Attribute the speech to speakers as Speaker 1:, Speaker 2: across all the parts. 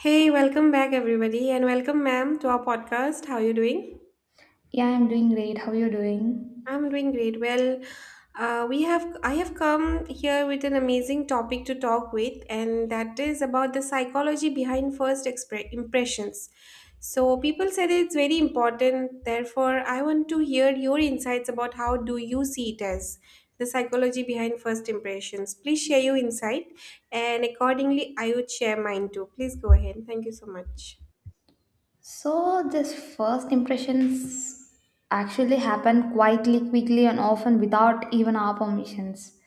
Speaker 1: Hey, welcome back everybody, and welcome ma'am to our podcast. How are you doing?
Speaker 2: Yeah, I'm doing great. How are you doing?
Speaker 1: I'm doing great. Well, we have I have come here with an amazing topic to talk with, and that is about the psychology behind impressions. So people said it's very important. Therefore, I want to hear your insights about how do you see it as the psychology behind first impressions. Please share your insight, and accordingly I would share mine too. Please go ahead. Thank you so much.
Speaker 2: So, this first impressions actually happen quietly, quickly, and often without even our permissions.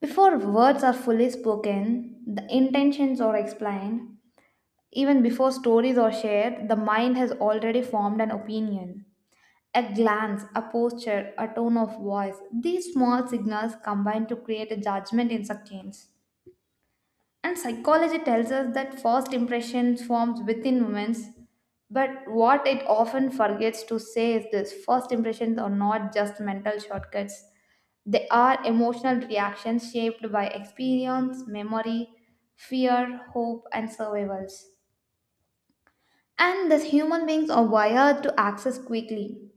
Speaker 2: Before words are fully spoken, the intentions are explained, even before stories are shared, the mind has already formed an opinion. A glance, a posture, a tone of voice, these small signals combine to create a judgment in seconds. And psychology tells us that first impressions forms within moments, but what it often forgets to say is this first impressions are not just mental shortcuts. They are emotional reactions shaped by experience, memory, fear, hope, and survivals. And thus human beings are wired to access quickly.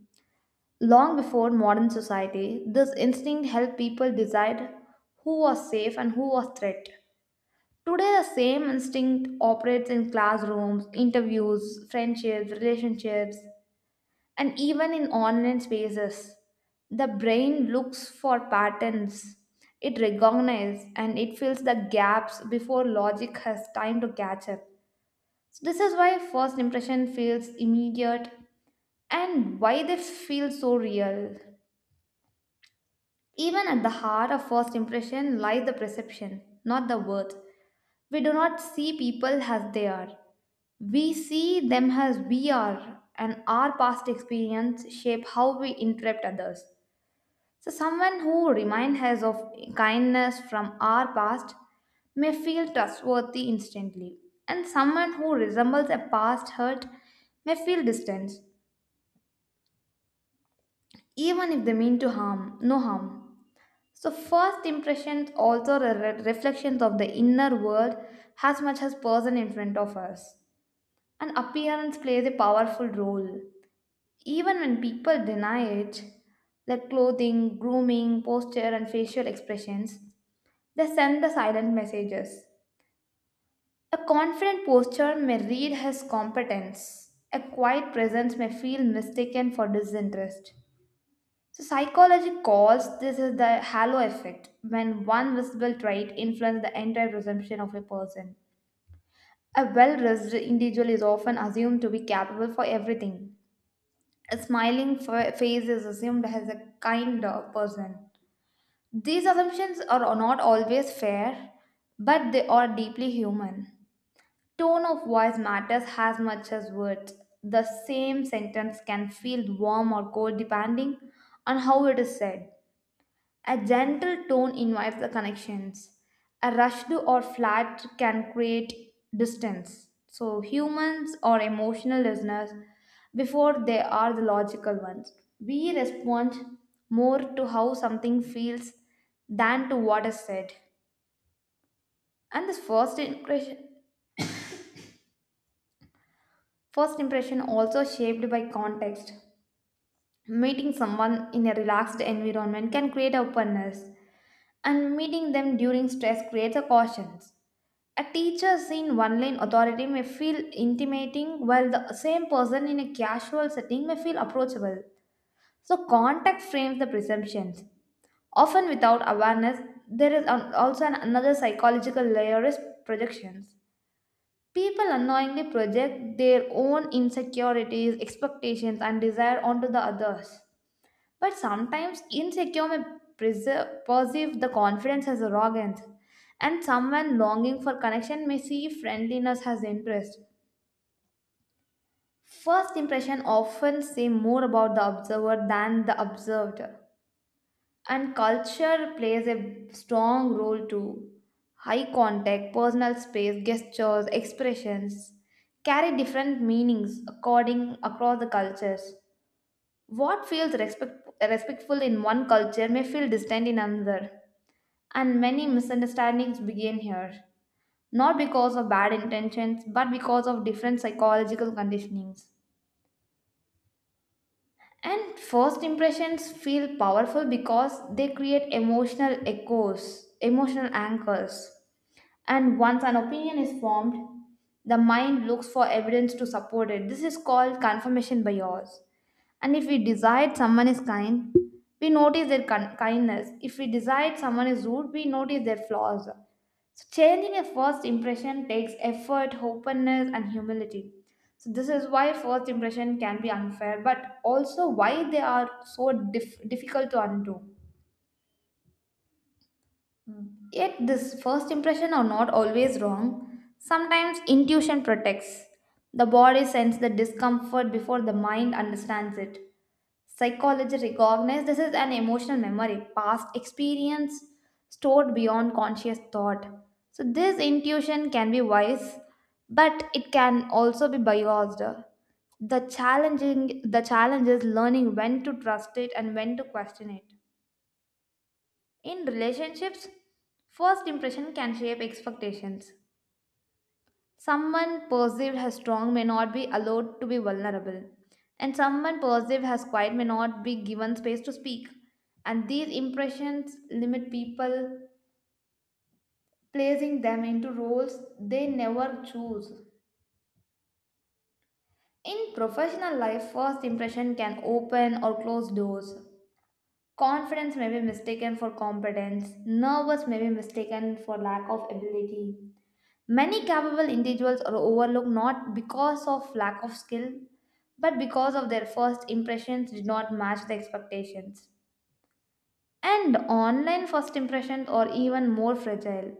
Speaker 2: Long before modern society, this instinct helped people decide who was safe and who was threat. Today, the same instinct operates in classrooms, interviews, friendships, relationships, and even in online spaces. The brain looks for patterns, it recognizes and it fills the gaps before logic has time to catch up. So this is why first impression feels immediate and why they feel so real. Even at the heart of first impression lies the perception, not the worth. We do not see people as they are. We see them as we are, and our past experience shape how we interpret others. So, someone who reminds us of kindness from our past may feel trustworthy instantly, and someone who resembles a past hurt may feel distance, even if they mean to harm, no harm. So, first impressions also are reflections of the inner world as much as person in front of us. And appearance plays a powerful role. Even when people deny it, their clothing, grooming, posture, and facial expressions, they send the silent messages. A confident posture may read as competence. A quiet presence may feel mistaken for disinterest. So psychology calls this is the halo effect when one visible trait influences the entire presumption of a person. A well-dressed individual is often assumed to be capable for everything. A smiling face is assumed as a kind person. These assumptions are not always fair, but they are deeply human. Tone of voice matters as much as words. The same sentence can feel warm or cold depending on how it is said. A gentle tone invites the connections. A rushed or flat can create distance. So humans are emotional listeners before they are the logical ones. We respond more to how something feels than to what is said. And this first impression also shaped by context. Meeting someone in a relaxed environment can create openness and meeting them during stress creates a caution. A teacher's in one lane authority may feel intimidating, while the same person in a casual setting may feel approachable. So, context frames the presumptions. Often, without awareness, there is another psychological layer is projections. People unknowingly project their own insecurities, expectations, and desire onto the others. But sometimes insecure may perceive the confidence as arrogance, and someone longing for connection may see friendliness as interest. First impression often say more about the observer than the observed, and culture plays a strong role too. High contact, personal space, gestures, expressions carry different meanings according across the cultures. What feels respectful in one culture may feel distant in another, and many misunderstandings begin here, not because of bad intentions but because of different psychological conditionings. And first impressions feel powerful because they create emotional anchors. And once an opinion is formed, the mind looks for evidence to support it. This is called confirmation bias. And if we decide someone is kind, we notice their kindness. If we decide someone is rude, we notice their flaws. So changing a first impression takes effort, openness, and humility. So this is why first impression can be unfair, but also why they are so difficult to undo. Yet this first impression are not always wrong. Sometimes intuition protects. The body sends the discomfort before the mind understands it. Psychology recognizes this is an emotional memory, past experience stored beyond conscious thought. So, this intuition can be wise, but it can also be biased. The challenge is learning when to trust it and when to question it. In relationships, first impression can shape expectations. Someone perceived as strong may not be allowed to be vulnerable, and someone perceived as quiet may not be given space to speak. And these impressions limit people, placing them into roles they never choose. In professional life, first impression can open or close doors. Confidence may be mistaken for competence, nervous may be mistaken for lack of ability. Many capable individuals are overlooked not because of lack of skill, but because of their first impressions did not match the expectations. And online first impressions are even more fragile.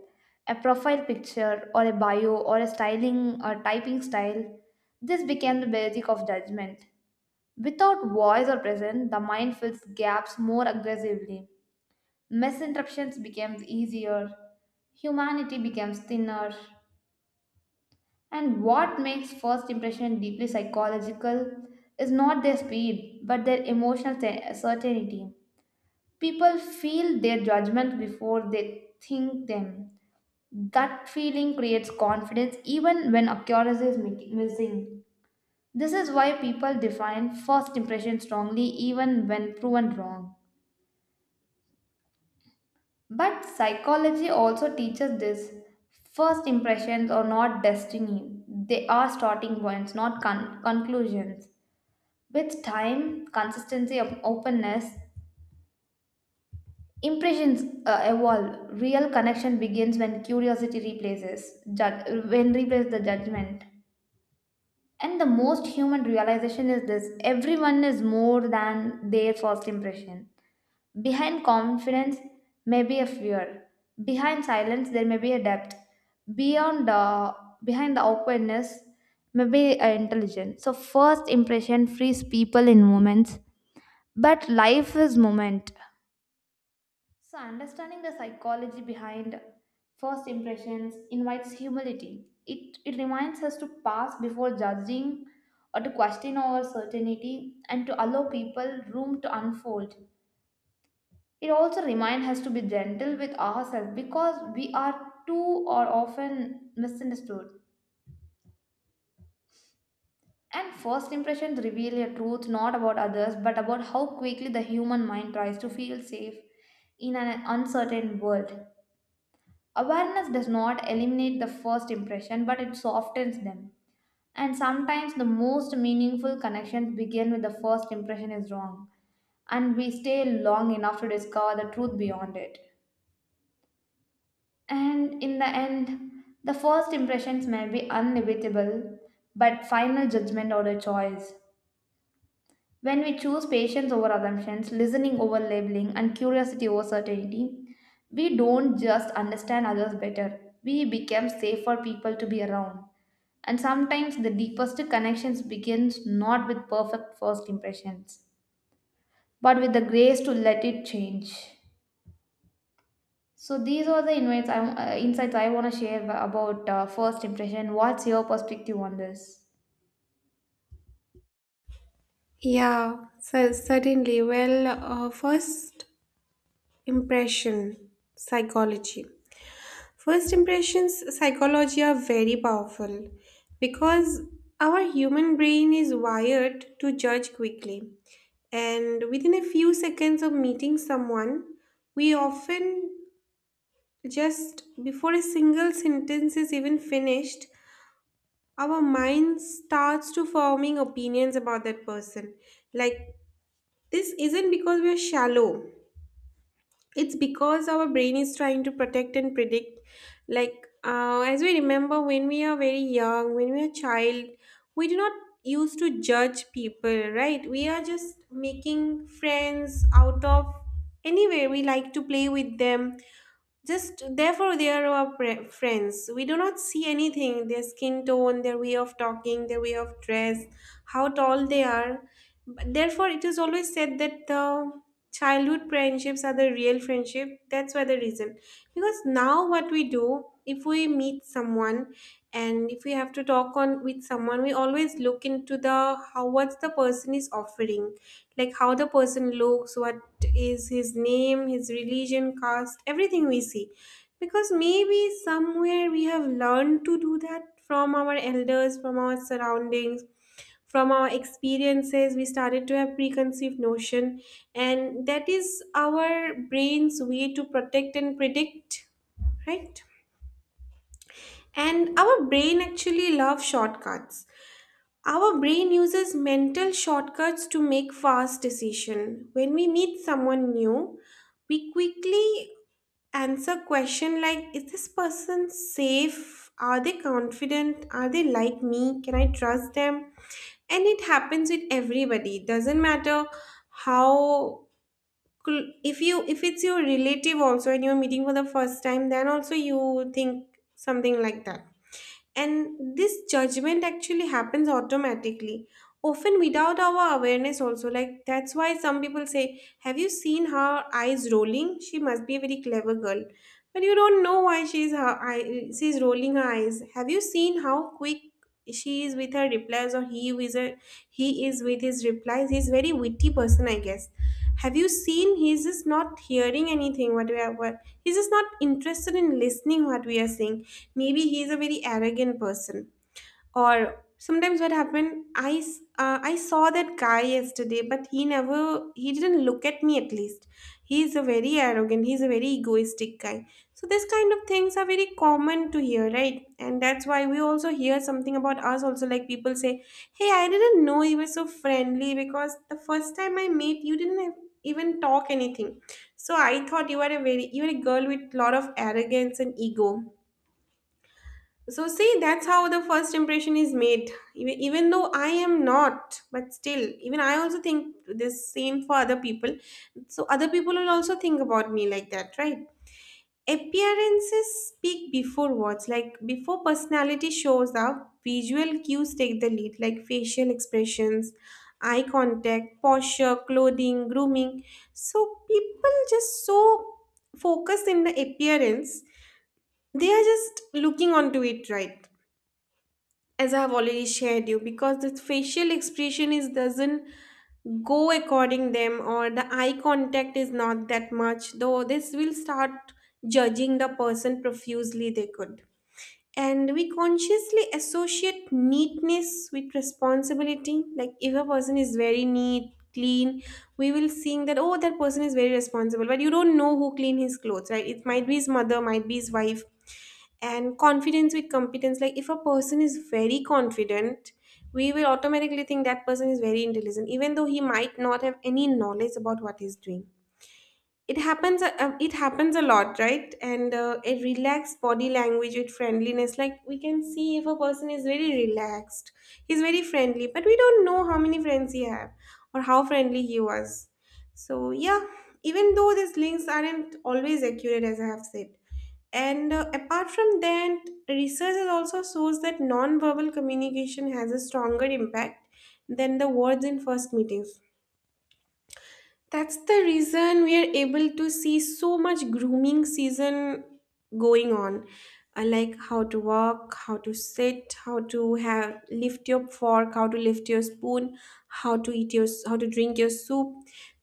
Speaker 2: A profile picture, or a bio, or a styling or typing style, this became the basic of judgment. Without voice or presence, the mind fills gaps more aggressively. Misinterruptions became easier. Humanity becomes thinner. And what makes first impression deeply psychological is not their speed, but their emotional certainty. People feel their judgment before they think them. That feeling creates confidence even when accuracy is missing. This is why people define first impression strongly even when proven wrong. But psychology also teaches this. First impressions are not destiny, they are starting points, not conclusions. With time, consistency, of openness, impressions evolve. Real connection begins when curiosity replaces judge, when replaces the judgment. And the most human realization is this: everyone is more than their first impression. Behind confidence may be a fear. Behind silence, there may be a depth. Beyond the behind the awkwardness, may be intelligence. So first impression frees people in moments. But life is moment. So, understanding the psychology behind first impressions invites humility. It reminds us to pass before judging or to question our certainty and to allow people room to unfold. It also reminds us to be gentle with ourselves because we are too or often misunderstood. And first impressions reveal a truth not about others but about how quickly the human mind tries to feel safe in an uncertain world. Awareness does not eliminate the first impression, but it softens them. And sometimes the most meaningful connections begin with the first impression is wrong, and we stay long enough to discover the truth beyond it. And in the end, the first impressions may be inevitable, but final judgment or a choice. When we choose patience over assumptions, listening over labeling, and curiosity over certainty, we don't just understand others better, we become safer people to be around. And sometimes the deepest connections begins not with perfect first impressions, but with the grace to let it change. So these are the insights I want to share about first impression. What's your perspective on this?
Speaker 1: Yeah, so certainly. Well, first impression psychology. First impressions psychology are very powerful because our human brain is wired to judge quickly. And within a few seconds of meeting someone, we often, just before a single sentence is even finished, our mind starts to forming opinions about that person. Like, this isn't because we're shallow. It's because our brain is trying to protect and predict. As we remember, when we are very young, when we are child, we do not used to judge people, right? We are just making friends out of anywhere. We like to play with them just therefore, they are our friends. We do not see anything their skin tone, their way of talking, their way of dress, how tall they are. But therefore, it is always said that the childhood friendships are the real friendship. That's why the reason. Because now, what we do if we meet someone, and if we have to talk on with someone, we always look into the how what the person is offering, like how the person looks, what is his name, his religion, caste, everything we see, because maybe somewhere we have learned to do that from our elders, from our surroundings, from our experiences, we started to have preconceived notion. And that is our brain's way to protect and predict, right? And our brain actually loves shortcuts. Our brain uses mental shortcuts to make fast decision. When we meet someone new, we quickly answer question like, is this person safe? Are they confident? Are they like me? Can I trust them? And it happens with everybody. It doesn't matter how, if you, if it's your relative also and you're meeting for the first time, then also you think something like that. And this judgment actually happens automatically, often without our awareness also, like that's why some people say, have you seen her eyes rolling, she must be a very clever girl. But you don't know why she's, her eye, she's rolling her eyes. Have you seen how quick she is with her replies? Or he is a, He is with his replies, he's very witty person, I guess. Have you seen he's just not hearing anything what we are, what he's just not interested in listening what we are saying, maybe he is a very arrogant person. Or sometimes what happened, i s- I saw that guy yesterday, but he never, he didn't look at me at least. He's a very arrogant, he's a very egoistic guy. So this kind of things are very common to hear, right? And that's why we also hear something about us also, like people say, hey, I didn't know you were so friendly, because the first time I met you didn't have even talk anything. So I thought you are a very, you are a girl with lot of arrogance and ego. So see, that's how the first impression is made. Even though I am not, but still, even I also think this same for other people. So other people will also think about me like that, right? Appearances speak before words. Like before personality shows up, visual cues take the lead, like facial expressions, eye contact, posture, clothing, grooming. So people just so focused in the appearance, they are just looking onto it, right? As I've already shared you, because the facial expression is doesn't go according them, or the eye contact is not that much, though this will start judging the person profusely they could. And we consciously associate neatness with responsibility. Like if a person is very neat, clean, we will seeing that, oh, that person is very responsible. But you don't know who clean his clothes, right? It might be his mother, might be his wife. And confidence with competence, like if a person is very confident, we will automatically think that person is very intelligent, even though he might not have any knowledge about what he's doing. It happens, it happens a lot, right? And a relaxed body language with friendliness, like we can see if a person is very relaxed, he's very friendly, but we don't know how many friends he had or how friendly he was. So yeah, even though these links aren't always accurate, as I have said. And apart from that, research has also shows that non-verbal communication has a stronger impact than the words in first meetings. That's the reason we are able to see so much grooming season going on. I like how to walk, how to sit, how to have lift your fork, how to lift your spoon, how to eat your, how to drink your soup.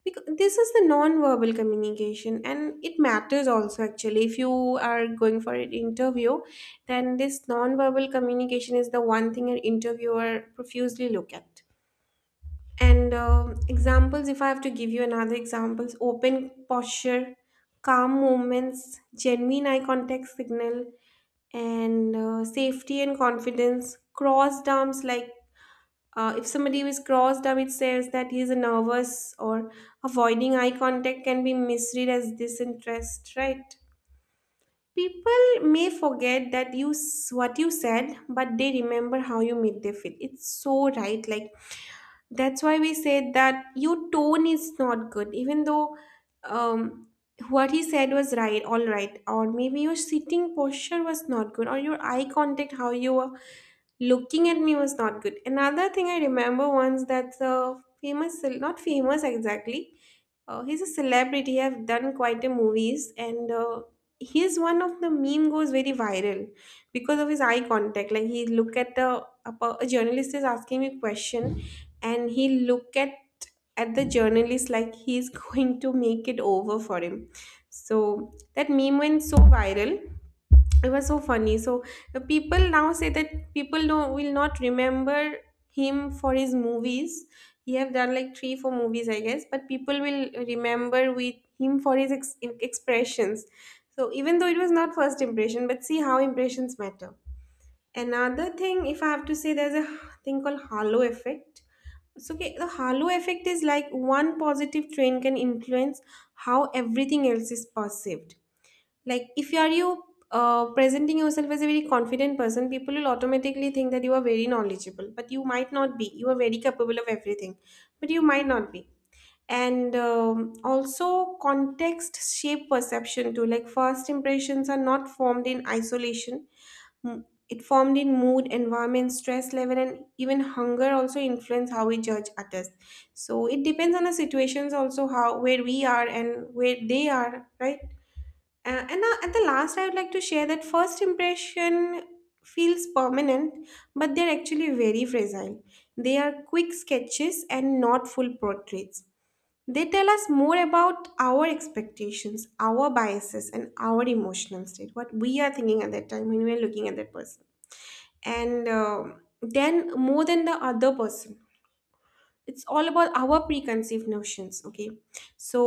Speaker 1: Because this is the non-verbal communication, and it matters also actually. If you are going for an interview, then this non-verbal communication is the one thing an interviewer profusely look at. And examples, if I have to give you another examples, open posture, calm moments, genuine eye contact signal, and safety and confidence. Crossed arms, like, if somebody is crossed arm, it says that he is nervous, or avoiding eye contact can be misread as disinterest, right? People may forget that what you said, but they remember how you made them feel. It's so right, like that's why we said that your tone is not good, even though, um, what he said was right, all right, or maybe your sitting posture was not good, or your eye contact, how you were looking at me was not good. Another thing I remember once, that's a famous, not famous exactly. He's a celebrity. I've done quite a movies, and he's one of the meme goes very viral because of his eye contact. Like he look at a journalist is asking me question, and he look at the journalist like he's going to make it over for him. So that meme went so viral, it was so funny. So the people now say that people don't will not remember him for his movies. He have done like three four movies, I guess, but people will remember with him for his expressions. So even though it was not first impression, but see how impressions matter. Another thing, if I have to say, there's a thing called halo effect. So okay, the halo effect is like one positive trend can influence how everything else is perceived. Like if you are you presenting yourself as a very confident person, people will automatically think that you are very knowledgeable, but you might not be, you are very capable of everything, but you might not be. And also context shape perception too, like first impressions are not formed in isolation. It formed in mood, environment, stress level, and even hunger also influence how we judge others. So it depends on the situations also, how, where we are and where they are, right? And at the last, I would like to share that first impression feels permanent, but they're actually very fragile. They are quick sketches and not full portraits. They tell us more about our expectations, our biases, and our emotional state, what we are thinking at that time when we are looking at that person. And then more than the other person, it's all about our preconceived notions, okay? So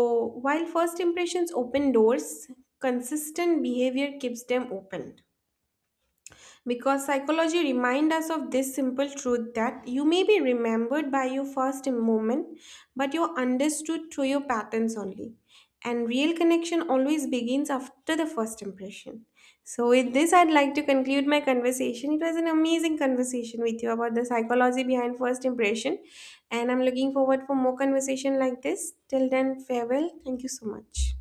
Speaker 1: while first impressions open doors, consistent behavior keeps them open, because psychology reminds us of this simple truth that you may be remembered by your first moment, but you're understood through your patterns only. And real connection always begins after the first impression. So with this, I'd like to conclude my conversation. It was an amazing conversation with you about the psychology behind first impression, and I'm looking forward for more conversation like this. Till then, farewell. Thank you so much.